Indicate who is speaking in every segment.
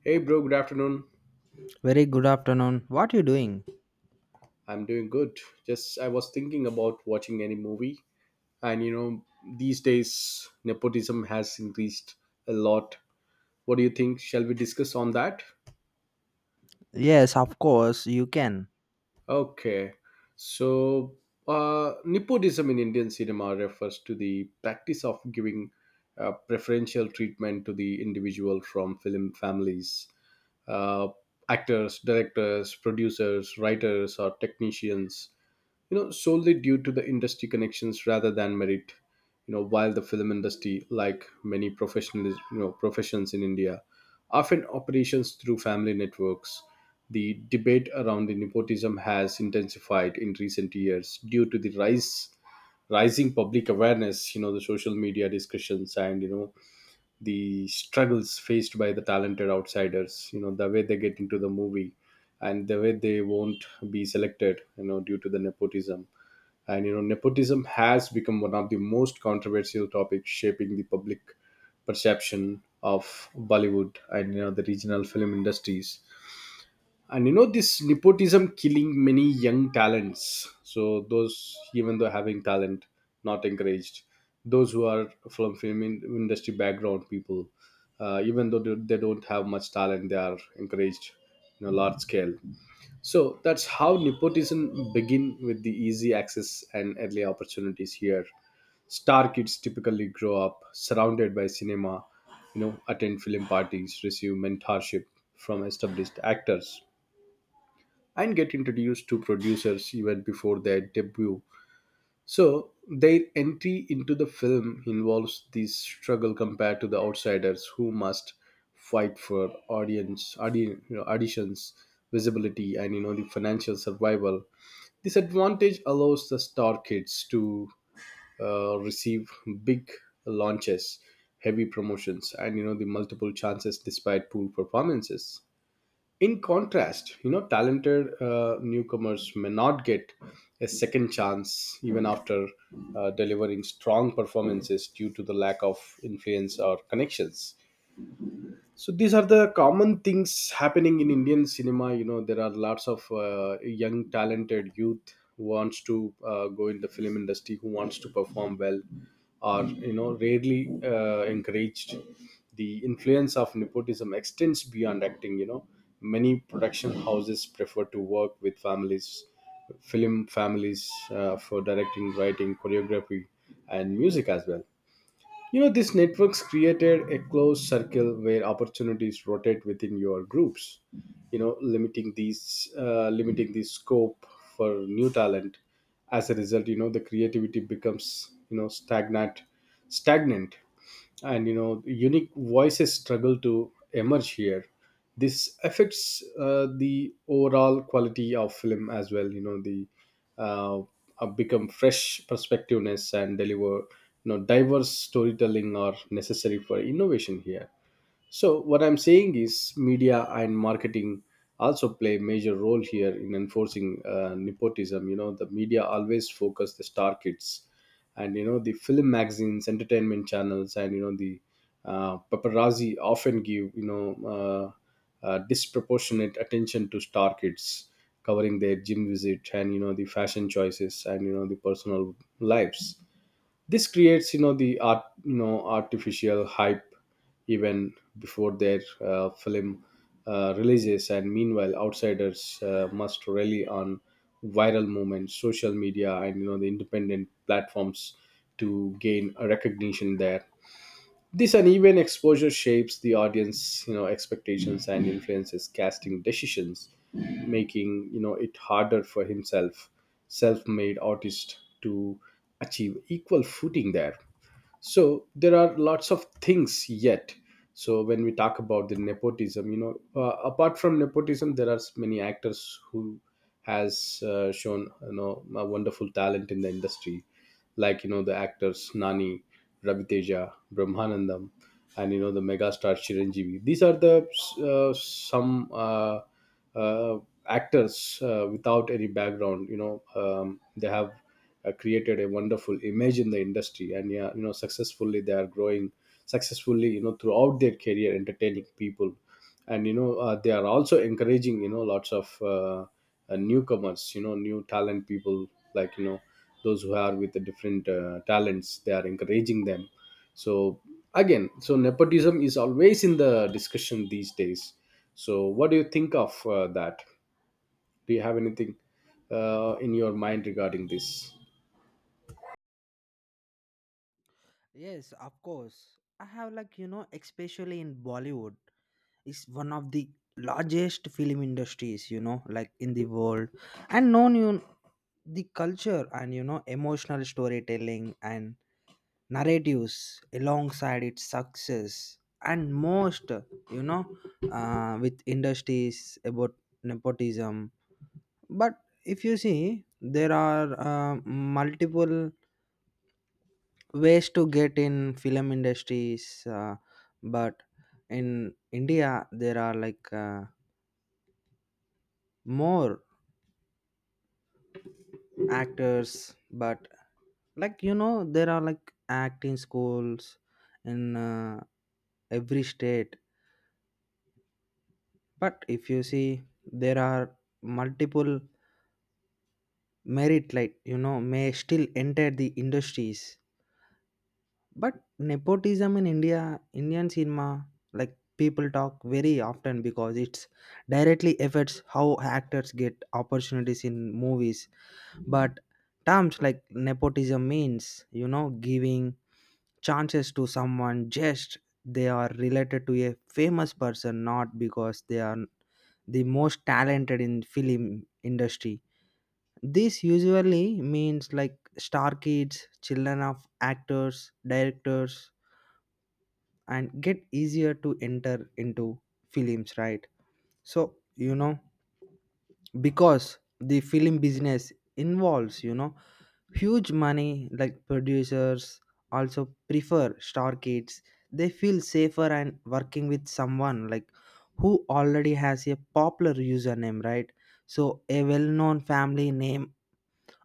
Speaker 1: Hey bro, good afternoon.
Speaker 2: Very good afternoon. What you doing?
Speaker 1: I'm doing good. Just I was thinking about watching any movie, and these days nepotism has increased a lot. What do you think? Shall we discuss on that?
Speaker 2: Yes, of course you can.
Speaker 1: Okay. So, nepotism in Indian cinema refers to the practice of giving preferential treatment to the individual from film families, uh, actors, directors, producers, writers, or technicians solely due to the industry connections rather than merit. While the film industry, like many professional professions in india often operations through family networks, the debate around the nepotism has intensified in recent years due to the rise rising public awareness, the social media discussions, and the struggles faced by the talented outsiders, the way they get into the movie, and the way they won't be selected, due to the nepotism. And nepotism has become one of the most controversial topics shaping the public perception of bollywood, and the regional film industries. And this nepotism killing many young talents, so those even though having talent not encouraged. Those who are from film industry background people, even though they don't have much talent, they are encouraged in a large scale. So that's how nepotism begin with the easy access and early opportunities here. Star kids typically grow up surrounded by cinema, attend film parties, receive mentorship from established actors, and get introduced to producers even before their debut. So their entry into the film involves this struggle compared to the outsiders, who must fight for audience, auditions, visibility, and the financial survival. This advantage allows the star kids to receive big launches, heavy promotions, and the multiple chances despite poor performances. In contrast, talented newcomers may not get a second chance even after delivering strong performances due to the lack of influence or connections. So these are the common things happening in indian cinema. There are lots of young talented youth who wants to go in the film industry, who wants to perform well, are rarely encouraged. The influence of nepotism extends beyond acting. Many production houses prefer to work with families, film families, for directing, writing, choreography, and music as well. These networks created a closed circle where opportunities rotate within your groups. Limiting these, limiting the scope for new talent. As a result, the creativity becomes stagnant, and unique voices struggle to emerge here. This affects the overall quality of film as well. The uh, become fresh perspectiveness and deliver, diverse storytelling are necessary for innovation here. So what I'm saying is media and marketing also play a major role here in enforcing nepotism. You know, the media always focus the star kids, and, the film magazines, entertainment channels, and, the paparazzi often give, disproportionate attention to star kids, covering their gym visit and, the fashion choices, and, the personal lives. This creates, the art artificial hype even before their film releases. And meanwhile, outsiders must rely on viral movements, social media, and the independent platforms to gain a recognition there. This uneven exposure shapes the audience expectations and influences casting decisions, making it harder for himself self-made artist to achieve equal footing there. So there are lots of things yet. So when we talk about the nepotism, apart from nepotism, there are many actors who has shown, a wonderful talent in the industry, like the actors Nani, Ravi Teja, Brahmanandam, and the megastar Chiranjeevi. These are the some uh, actors without any background. They have created a wonderful image in the industry, and yeah, successfully they are growing successfully. You know, throughout their career, entertaining people and they are also encouraging, lots of newcomers, new talent people like, those who are with the different talents, they are encouraging them. So again, so nepotism is always in the discussion these days. So what do you think of that? Do you have anything in your mind regarding this?
Speaker 2: Yes, of course. I have like you know, especially in Bollywood, it's one of the largest film industries you know, like in the world, and known you the culture and you know emotional storytelling and narratives alongside its success and most you know with industries about nepotism. But if you see, there are multiple ways to get in film industries. But in India, there are like more actors. But like you know, there are like acting schools in every state. But if you see, there are multiple merit like you know may still enter the industries. But nepotism in India, Indian cinema, like people talk very often because it's directly affects how actors get opportunities in movies. But terms like nepotism means, you know, giving chances to someone just they are related to a famous person, not because they are the most talented in film industry. This usually means like star kids, children of actors, directors, and get easier to enter into films, right? So you know, because the film business involves you know huge money, like producers also prefer star kids. They feel safer and working with someone like who already has a popular username, right? So a well-known family name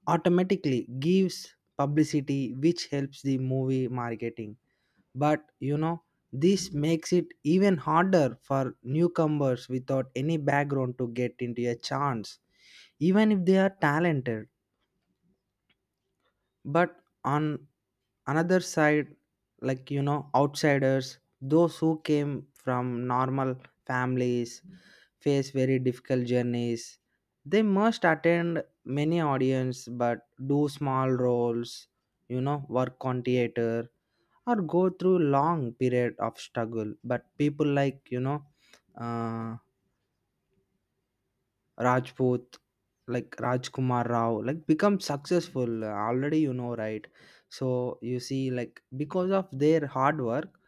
Speaker 2: automatically gives publicity which helps the movie marketing. But you know, this makes it even harder for newcomers without any background to get into a chance, even if they are talented. But on another side, like you know, outsiders those who came from normal families face very difficult journeys. They must attend many audience but do small roles, you know, work on theater, or go through long period of struggle. But people like uh, rajput, like Rajkumar Rao, like become successful already, you know, right? So you see, like because of their hard work,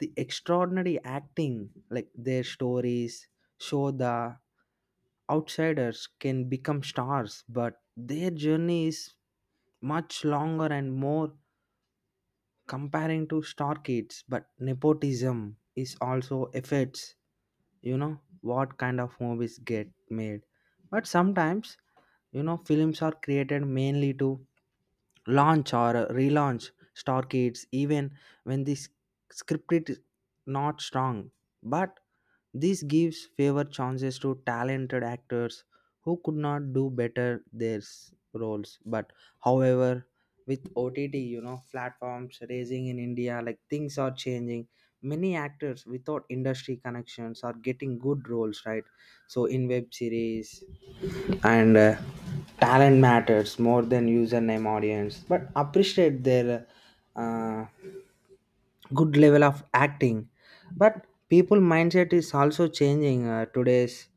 Speaker 2: the extraordinary acting, like their stories show the outsiders can become stars, but their journey is much longer and more comparing to star kids. But nepotism is also affects, you know, what kind of movies get made. But sometimes, you know, films are created mainly to launch or relaunch starcades even when the script is not strong. But this gives favor chances to talented actors who could not do better their roles. But however, with OTT you know platforms raising in India, like things are changing. Many actors without industry connections are getting good roles, right? So in web series and talent matters more than username, audience but appreciate their uh, good level of acting. But people mindset is also changing today's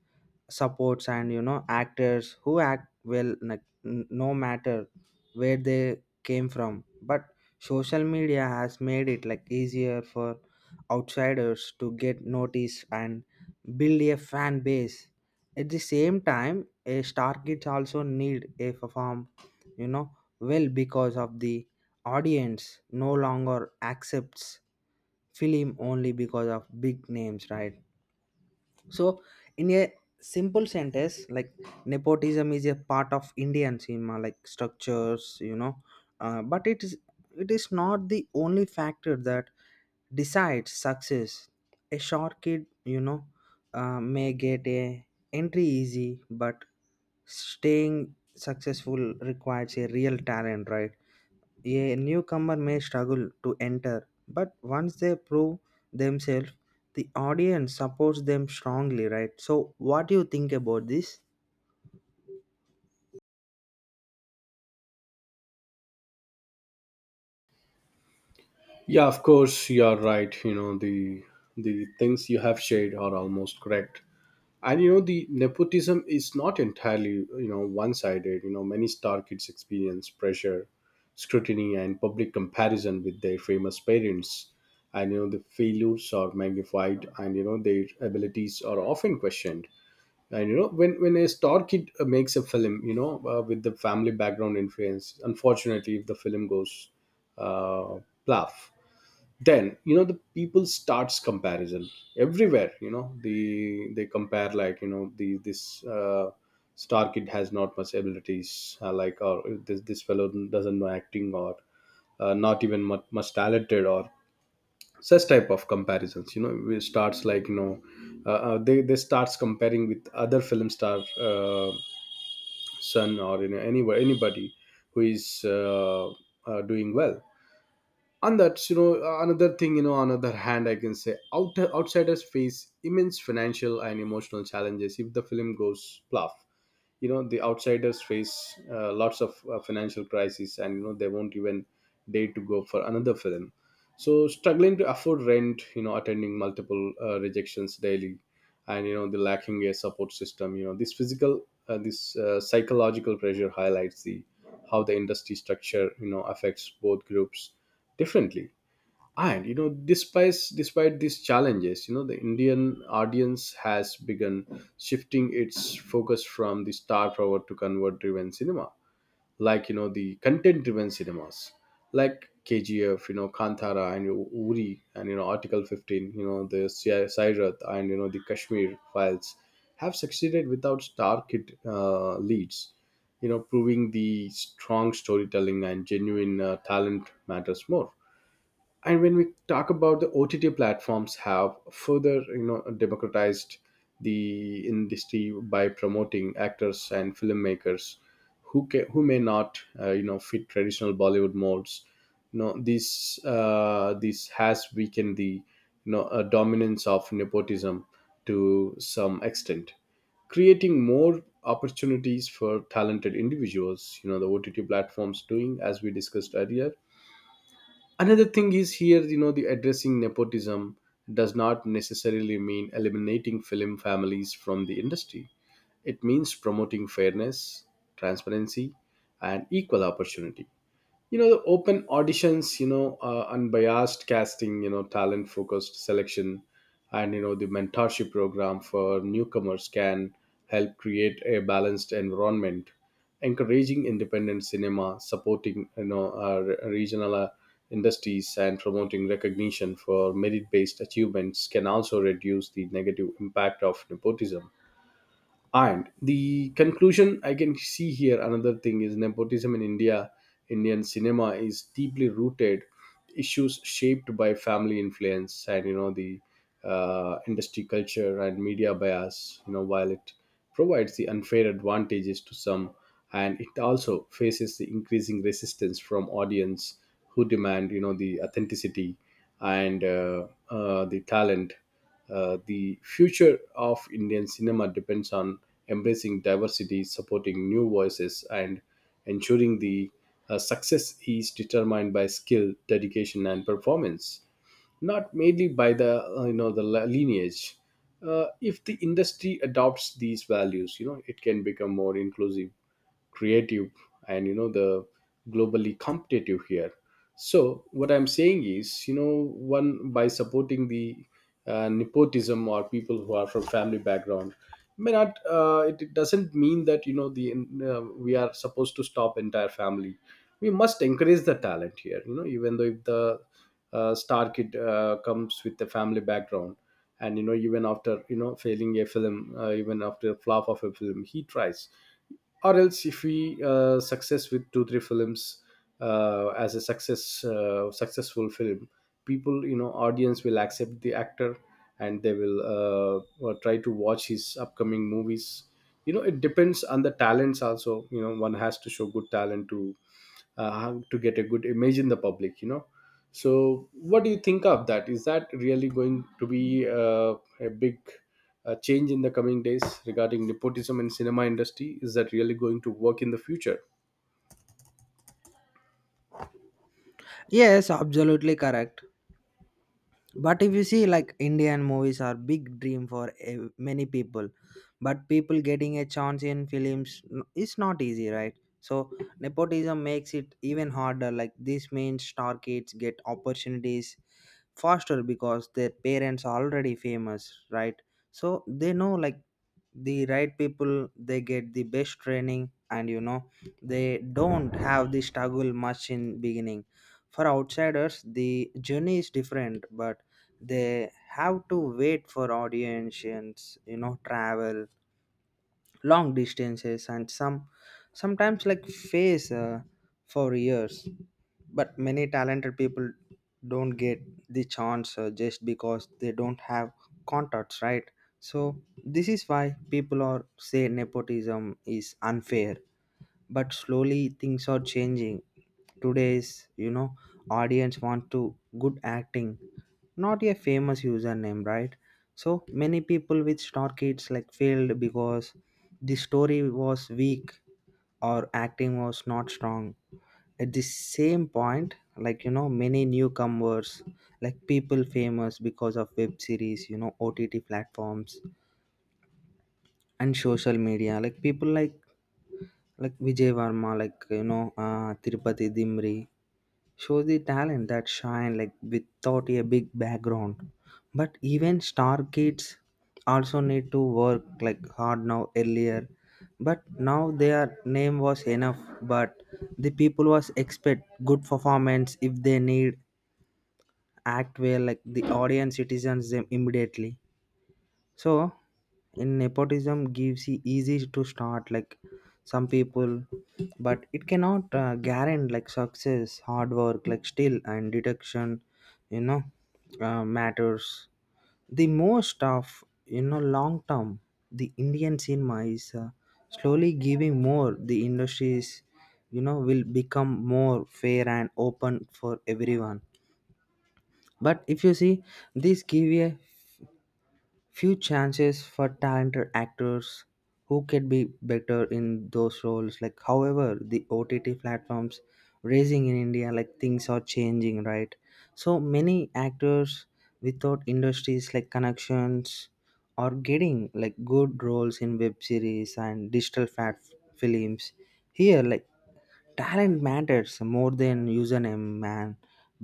Speaker 2: supports, and you know actors who act well like, no matter where they came from. But social media has made it like easier for outsiders to get noticed and build a fan base. At the same time, a star kids also need a perform, you know, well because of the audience no longer accepts film only because of big names, right? So, in a simple sentence, like nepotism is a part of Indian cinema, like structures, you know, but it is not the only factor that decides success. A short kid, you know, may get a entry easy, but staying successful requires a real talent, right? A newcomer may struggle to enter, but once they prove themselves, the audience supports them strongly, right? So, what do you think about this?
Speaker 1: Yeah, of course you are right. The things you have shared are almost correct. And the nepotism is not entirely, one sided. Many star kids experience pressure, scrutiny, and public comparison with their famous parents. And the failures are magnified, and their abilities are often questioned. And when a star kid makes a film, with the family background influence, unfortunately, if the film goes uh, plough, then the people starts comparison everywhere. The they compare, like, the this star kid has not much abilities, like, or this fellow doesn't know acting, or not even much, much talented, or such type of comparisons. It starts, like, they starts comparing with other film star, uh, son, or anywhere, anybody who is doing well. And that's, another thing. On other hand, I can say outsiders face immense financial and emotional challenges if the film goes fluff. The outsiders face lots of financial crises, and they won't even dare to go for another film. So struggling to afford rent, attending multiple rejections daily, and the lacking a support system, this physical this psychological pressure highlights the how the industry structure affects both groups differently. And despite these challenges, the indian audience has begun shifting its focus from the star power to convert driven cinema, like the content driven cinemas, like kgf, kantara, and uri, and article 15, the sairat, and the kashmir files, have succeeded without star kid leads, proving the strong storytelling and genuine talent matters more. And when we talk about the ott platforms, have further, democratized the industry by promoting actors and filmmakers who may not fit traditional bollywood molds. This this has weakened the, dominance of nepotism to some extent, creating more opportunities for talented individuals. The ott platforms doing, as we discussed earlier. Another thing is here, the addressing nepotism does not necessarily mean eliminating film families from the industry. It means promoting fairness, transparency, and equal opportunity. The open auditions, unbiased casting, talent focused selection, and the mentorship program for newcomers can help create a balanced environment, encouraging independent cinema, supporting, regional industries, and promoting recognition for merit based achievements can also reduce the negative impact of nepotism. And the conclusion I can see here, another thing is nepotism in India, Indian cinema is deeply rooted issues shaped by family influence and, the industry culture and media bias. You know, while it provides the unfair advantages to some, and it also faces the increasing resistance from audience who demand, the authenticity and the talent. The future of Indian cinema depends on embracing diversity, supporting new voices, and ensuring the success is determined by skill, dedication, and performance, not mainly by the the lineage. If the industry adopts these values, you know it can become more inclusive, creative, and you know the globally competitive here. So what I'm saying is, you know, one, by supporting the nepotism or people who are from family background may not it doesn't mean that you know the we are supposed to stop entire family. We must encourage the talent here, you know, even though if the star kid comes with the family background, and you know even after you know failing a film, even after a flop of a film he tries. Or else if we success with 2 3 films, as a success, successful film, people, you know, audience will accept the actor, and they will try to watch his upcoming movies. You know, it depends on the talents also. You know, one has to show good talent uh, to get a good image in the public, you know. So what do you think of that? Is that really going to be a big, a change in the coming days regarding nepotism in cinema industry? Is that really going to work in the future?
Speaker 2: Yes, absolutely correct. But if you see, like Indian movies are big dream for many people, but people getting a chance in films is not easy, right? So nepotism makes it even harder, like this means star kids get opportunities faster because their parents are already famous, right? So they know like the right people, they get the best training, and you know they don't have the struggle much in beginning. For outsiders, the journey is different, but they have to wait for audiences, you know, travel long distances, and sometimes like face for years. But many talented people don't get the chance just because they don't have contacts, right? So this is why people are say nepotism is unfair. But slowly things are changing. Today's, you know, audience want to good acting, not a famous username, right? So many people with star kids like failed because the story was weak or acting was not strong. At the same point, like you know, many newcomers, like people famous because of web series, you know, OTT platforms and social media, like people like Vijay Varma, like you know, Tirupati Dimri shows the talent that shine like without a big background. But even star kids also need to work like hard now earlier, but now their name was enough. But the people was expect good performance. If they need act well, like the audience citizens them immediately. So, in nepotism gives you easy to start like some people, but it cannot guarantee like success, hard work, like skill and deduction, you know, matters. The most of you know long term, the Indian cinema is slowly giving more. The industries, you know, will become more fair and open for everyone. But if you see, this give a few chances for talented actors who can be better in those roles, like however the OTT platforms raising in India, like things are changing, right? So many actors without industries like connections are getting like good roles in web series and digital fat films here, like talent matters more than username man.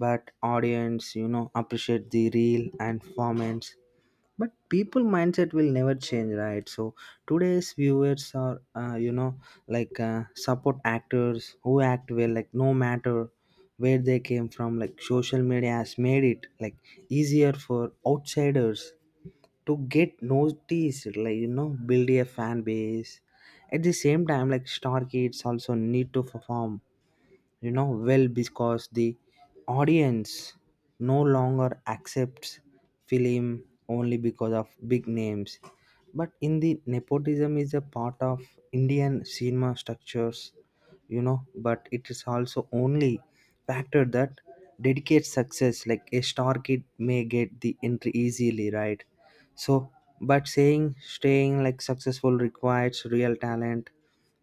Speaker 2: But audience you know appreciate the real and performance. But people mindset will never change, right? So today's viewers are you know, like support actors who act well like no matter where they came from. Like social media has made it like easier for outsiders to get noticed, like you know, build a fan base. At the same time, like star kids also need to perform, you know, well because the audience no longer accepts film only because of big names. But in the nepotism is a part of Indian cinema structures, you know, but it is also only factor that dedicates success, like a star kid may get the entry easily, right? So but saying staying like successful requires real talent,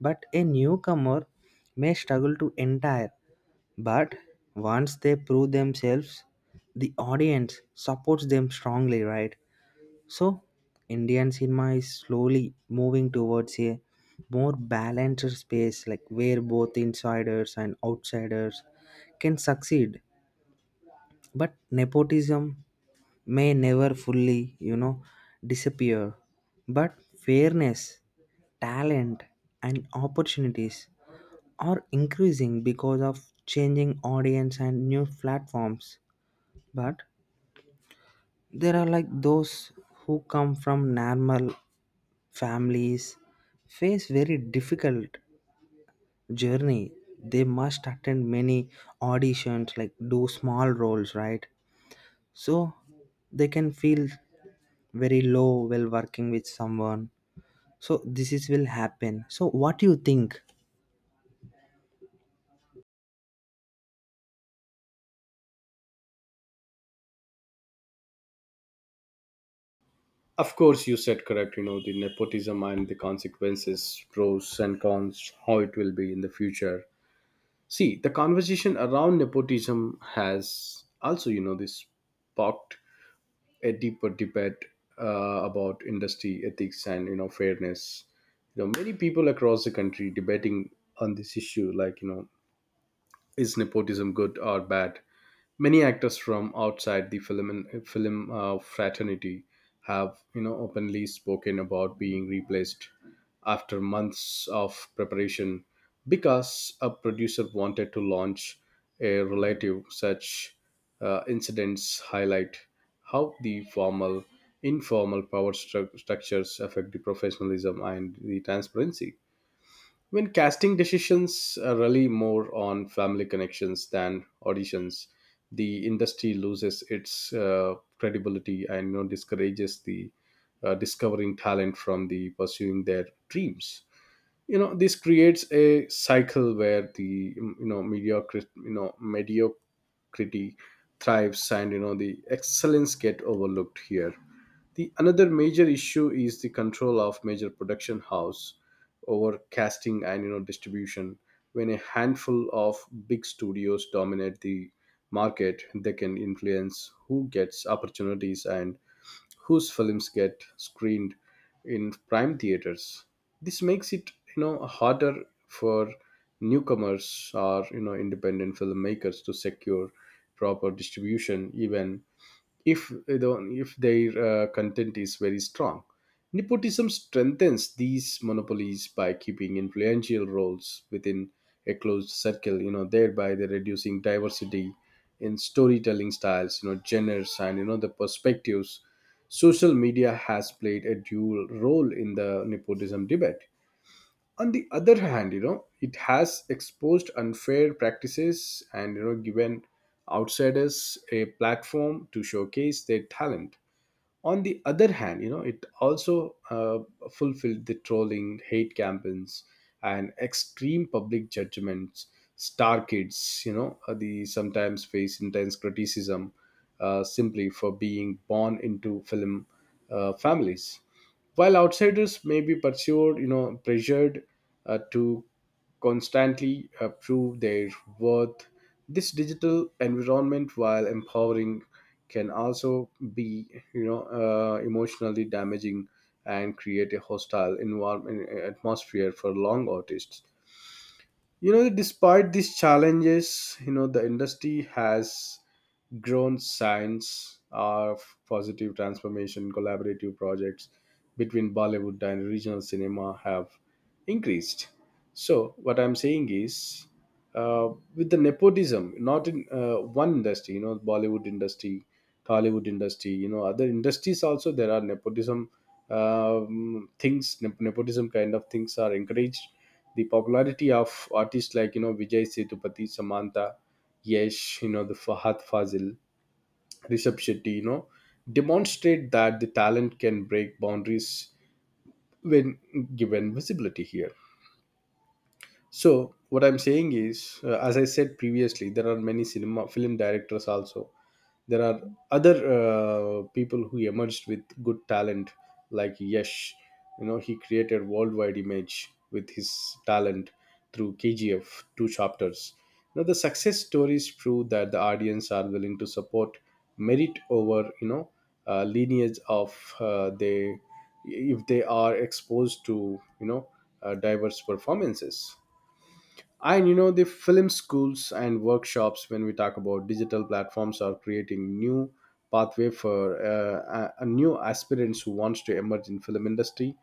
Speaker 2: but a newcomer may struggle to enter, but once they prove themselves, the audience supports them strongly, right? So, Indian cinema is slowly moving towards a more balanced space, like where both insiders and outsiders can succeed. But nepotism may never fully, you know, disappear. But fairness, talent, and opportunities are increasing because of changing audience and new platforms. But there are like those who come from normal families face very difficult journey. They must attend many auditions, like do small roles, right? So they can feel very low while working with someone. So this is will happen. So what do you think?
Speaker 1: Of course, you said correct. You know the nepotism and the consequences, pros and cons, how it will be in the future. See, the conversation around nepotism has also, you know, this sparked a deeper debate about industry ethics and you know fairness. You know, many people across the country debating on this issue, like, you know, is nepotism good or bad? Many actors from outside the film and film fraternity have, you know, openly spoken about being replaced after months of preparation because a producer wanted to launch a relative. Such incidents highlight how the formal, informal structures affect the professionalism and the transparency. I mean, casting decisions rely more on family connections than auditions. The industry loses its credibility and, you know, discourages the discovering talent from the pursuing their dreams. You know, this creates a cycle where the you know mediocrity thrives, and you know the excellence get overlooked here. The another major issue is the control of major production house over casting and you know distribution. When a handful of big studios dominate the market, they can influence who gets opportunities and whose films get screened in prime theaters. This makes it, you know, harder for newcomers or, you know, independent filmmakers to secure proper distribution even if their content is very strong. Nepotism strengthens these monopolies by keeping influential roles within a closed circle, you know, thereby they reducing diversity in storytelling styles, you know, genres, and you know the perspectives. Social media has played a dual role in the nepotism debate. On the other hand, you know, it has exposed unfair practices and, you know, given outsiders a platform to showcase their talent. On the other hand, you know, it also fulfilled the trolling, hate campaigns, and extreme public judgments. Star kids, you know, they sometimes face intense criticism simply for being born into film families, while outsiders may be pursued, you know, pressured to constantly prove their worth. This digital environment, while empowering, can also be, you know, emotionally damaging and create a hostile environment atmosphere for long artists. You know, despite these challenges, you know, the industry has grown signs of positive transformation. Collaborative projects between Bollywood and regional cinema have increased. So what I'm saying is, uh, with the nepotism, not in one industry, you know, Bollywood industry, Hollywood industry, you know, other industries also there are nepotism things. Nepotism kind of things are encouraged. The popularity of artists like, you know, Vijay Sethupathi, Samantha, Yesh, you know, the Fahad Fazil, Rishabh Shetty, you know, demonstrate that the talent can break boundaries when given visibility here. So what I'm saying is, as I said previously, there are many cinema film directors also. There are other people who emerged with good talent, like Yash. You know, he created worldwide image with his talent through KGF two chapters. Now the success stories prove that the audience are willing to support merit over, you know, lineage of they, if they are exposed to, you know, diverse performances. And you know, the film schools and workshops, when we talk about digital platforms, are creating new pathway for a new aspirants who wants to emerge in film industry,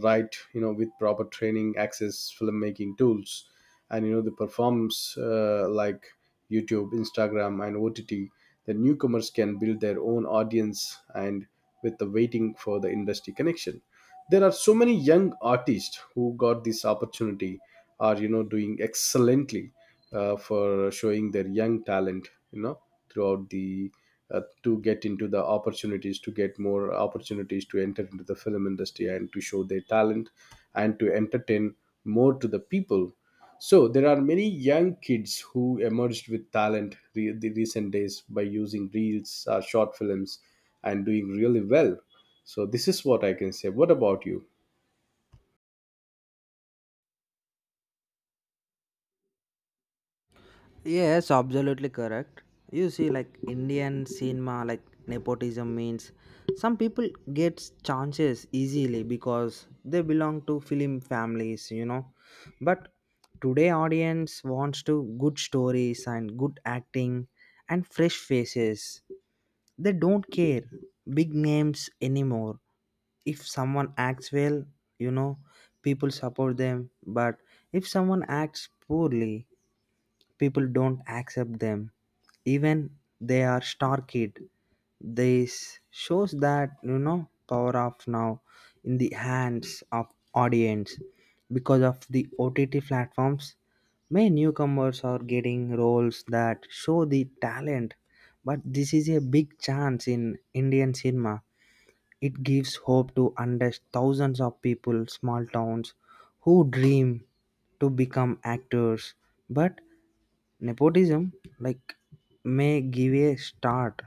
Speaker 1: right? You know, with proper training, access, filmmaking tools, and you know the performs like YouTube, Instagram, and OTT, the newcomers can build their own audience and with the waiting for the industry connection. There are so many young artists who got this opportunity are, you know, doing excellently for showing their young talent, you know, throughout the to get into the opportunities, to get more opportunities to enter into the film industry and to show their talent and to entertain more to the people. So there are many young kids who emerged with talent the recent days by using reels or short films and doing really well. So this is what I can say. What about you?
Speaker 2: Yes, absolutely correct. You see, like Indian cinema, like nepotism means some people get chances easily because they belong to film families, you know. But today audience wants to good stories and good acting and fresh faces. They don't care big names anymore. If someone acts well, you know, people support them. But if someone acts poorly, people don't accept them even they are star kid. This shows that you know power of now in the hands of audience. Because of the OTT platforms, many newcomers are getting roles that show the talent, but this is a big chance in Indian cinema. It gives hope to under thousands of people small towns who dream to become actors. But nepotism, like, may give a start,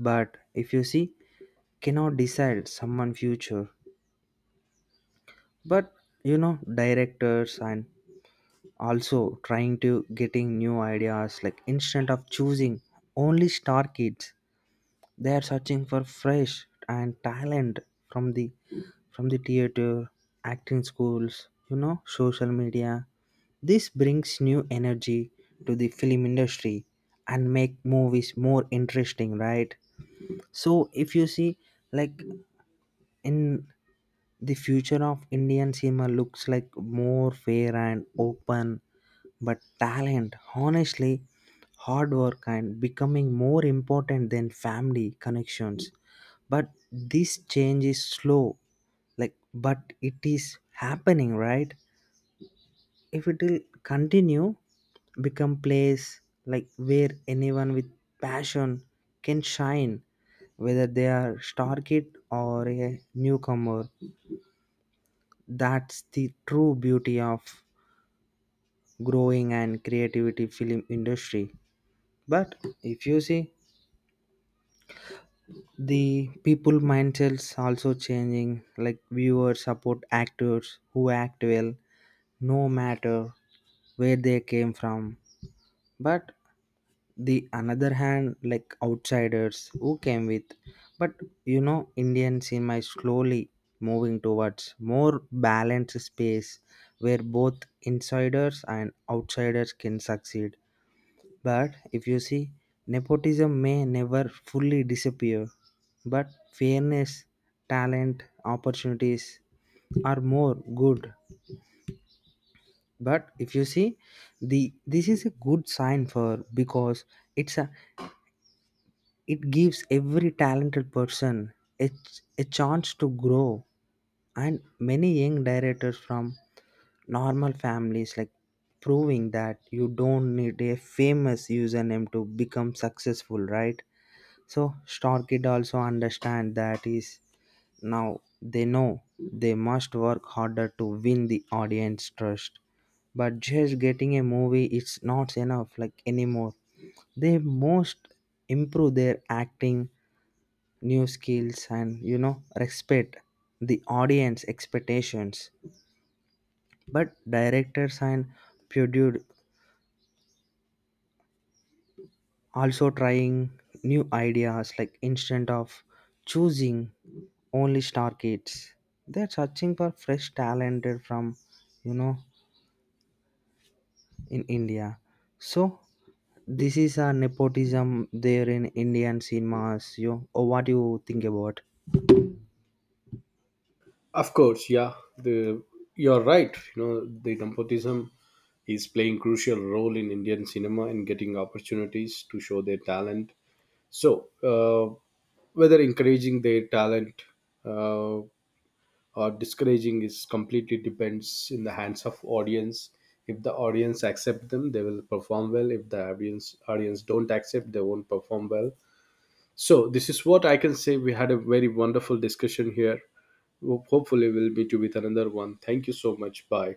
Speaker 2: but if you see, cannot decide someone future. But you know, directors and also trying to getting new ideas, like instead of choosing only star kids, they are searching for fresh and talent from the from the theater, acting schools, you know, social media. This brings new energy to the film industry and make movies more interesting, right? So if you see, like in the future of Indian cinema looks like more fair and open. But talent, honestly, hard work and becoming more important than family connections. But this change is slow, like but it is happening, right? If it will continue, become place like where anyone with passion can shine, whether they are star kid or a newcomer. That's the true beauty of growing and creativity film industry. But if you see, the people mindsets also changing, like viewers support actors who act well, no matter where they came from. But the another hand, like outsiders who came with, but you know, Indian cinema is slowly moving towards more balanced space where both insiders and outsiders can succeed. But if you see, nepotism may never fully disappear, but fairness, talent, opportunities are more good. But if you see, the this is a good sign for because it's a it gives every talented person a, a chance to grow. And many young directors from normal families like proving that you don't need a famous username to become successful, right? So Star Kid also understand that is now they know they must work harder to win the audience trust. But just getting a movie it's not enough like anymore. They must improve their acting, new skills, and you know respect the audience expectations. But directors and produ- also trying new ideas, like instead of choosing only star kids, they're searching for fresh talented from you know in India. So this is a nepotism there in Indian cinemas. You oh, what do you think about
Speaker 1: Of course, yeah, the you're right. You know, the Dampotism is playing crucial role in Indian cinema and getting opportunities to show their talent. So, whether encouraging their talent uh, or discouraging is completely depends in the hands of audience. If the audience accept them, they will perform well. If the audience don't accept, they won't perform well. So this is what I can say. We had a very wonderful discussion here. Hopefully, we'll meet you with another one. Thank you so much. Bye.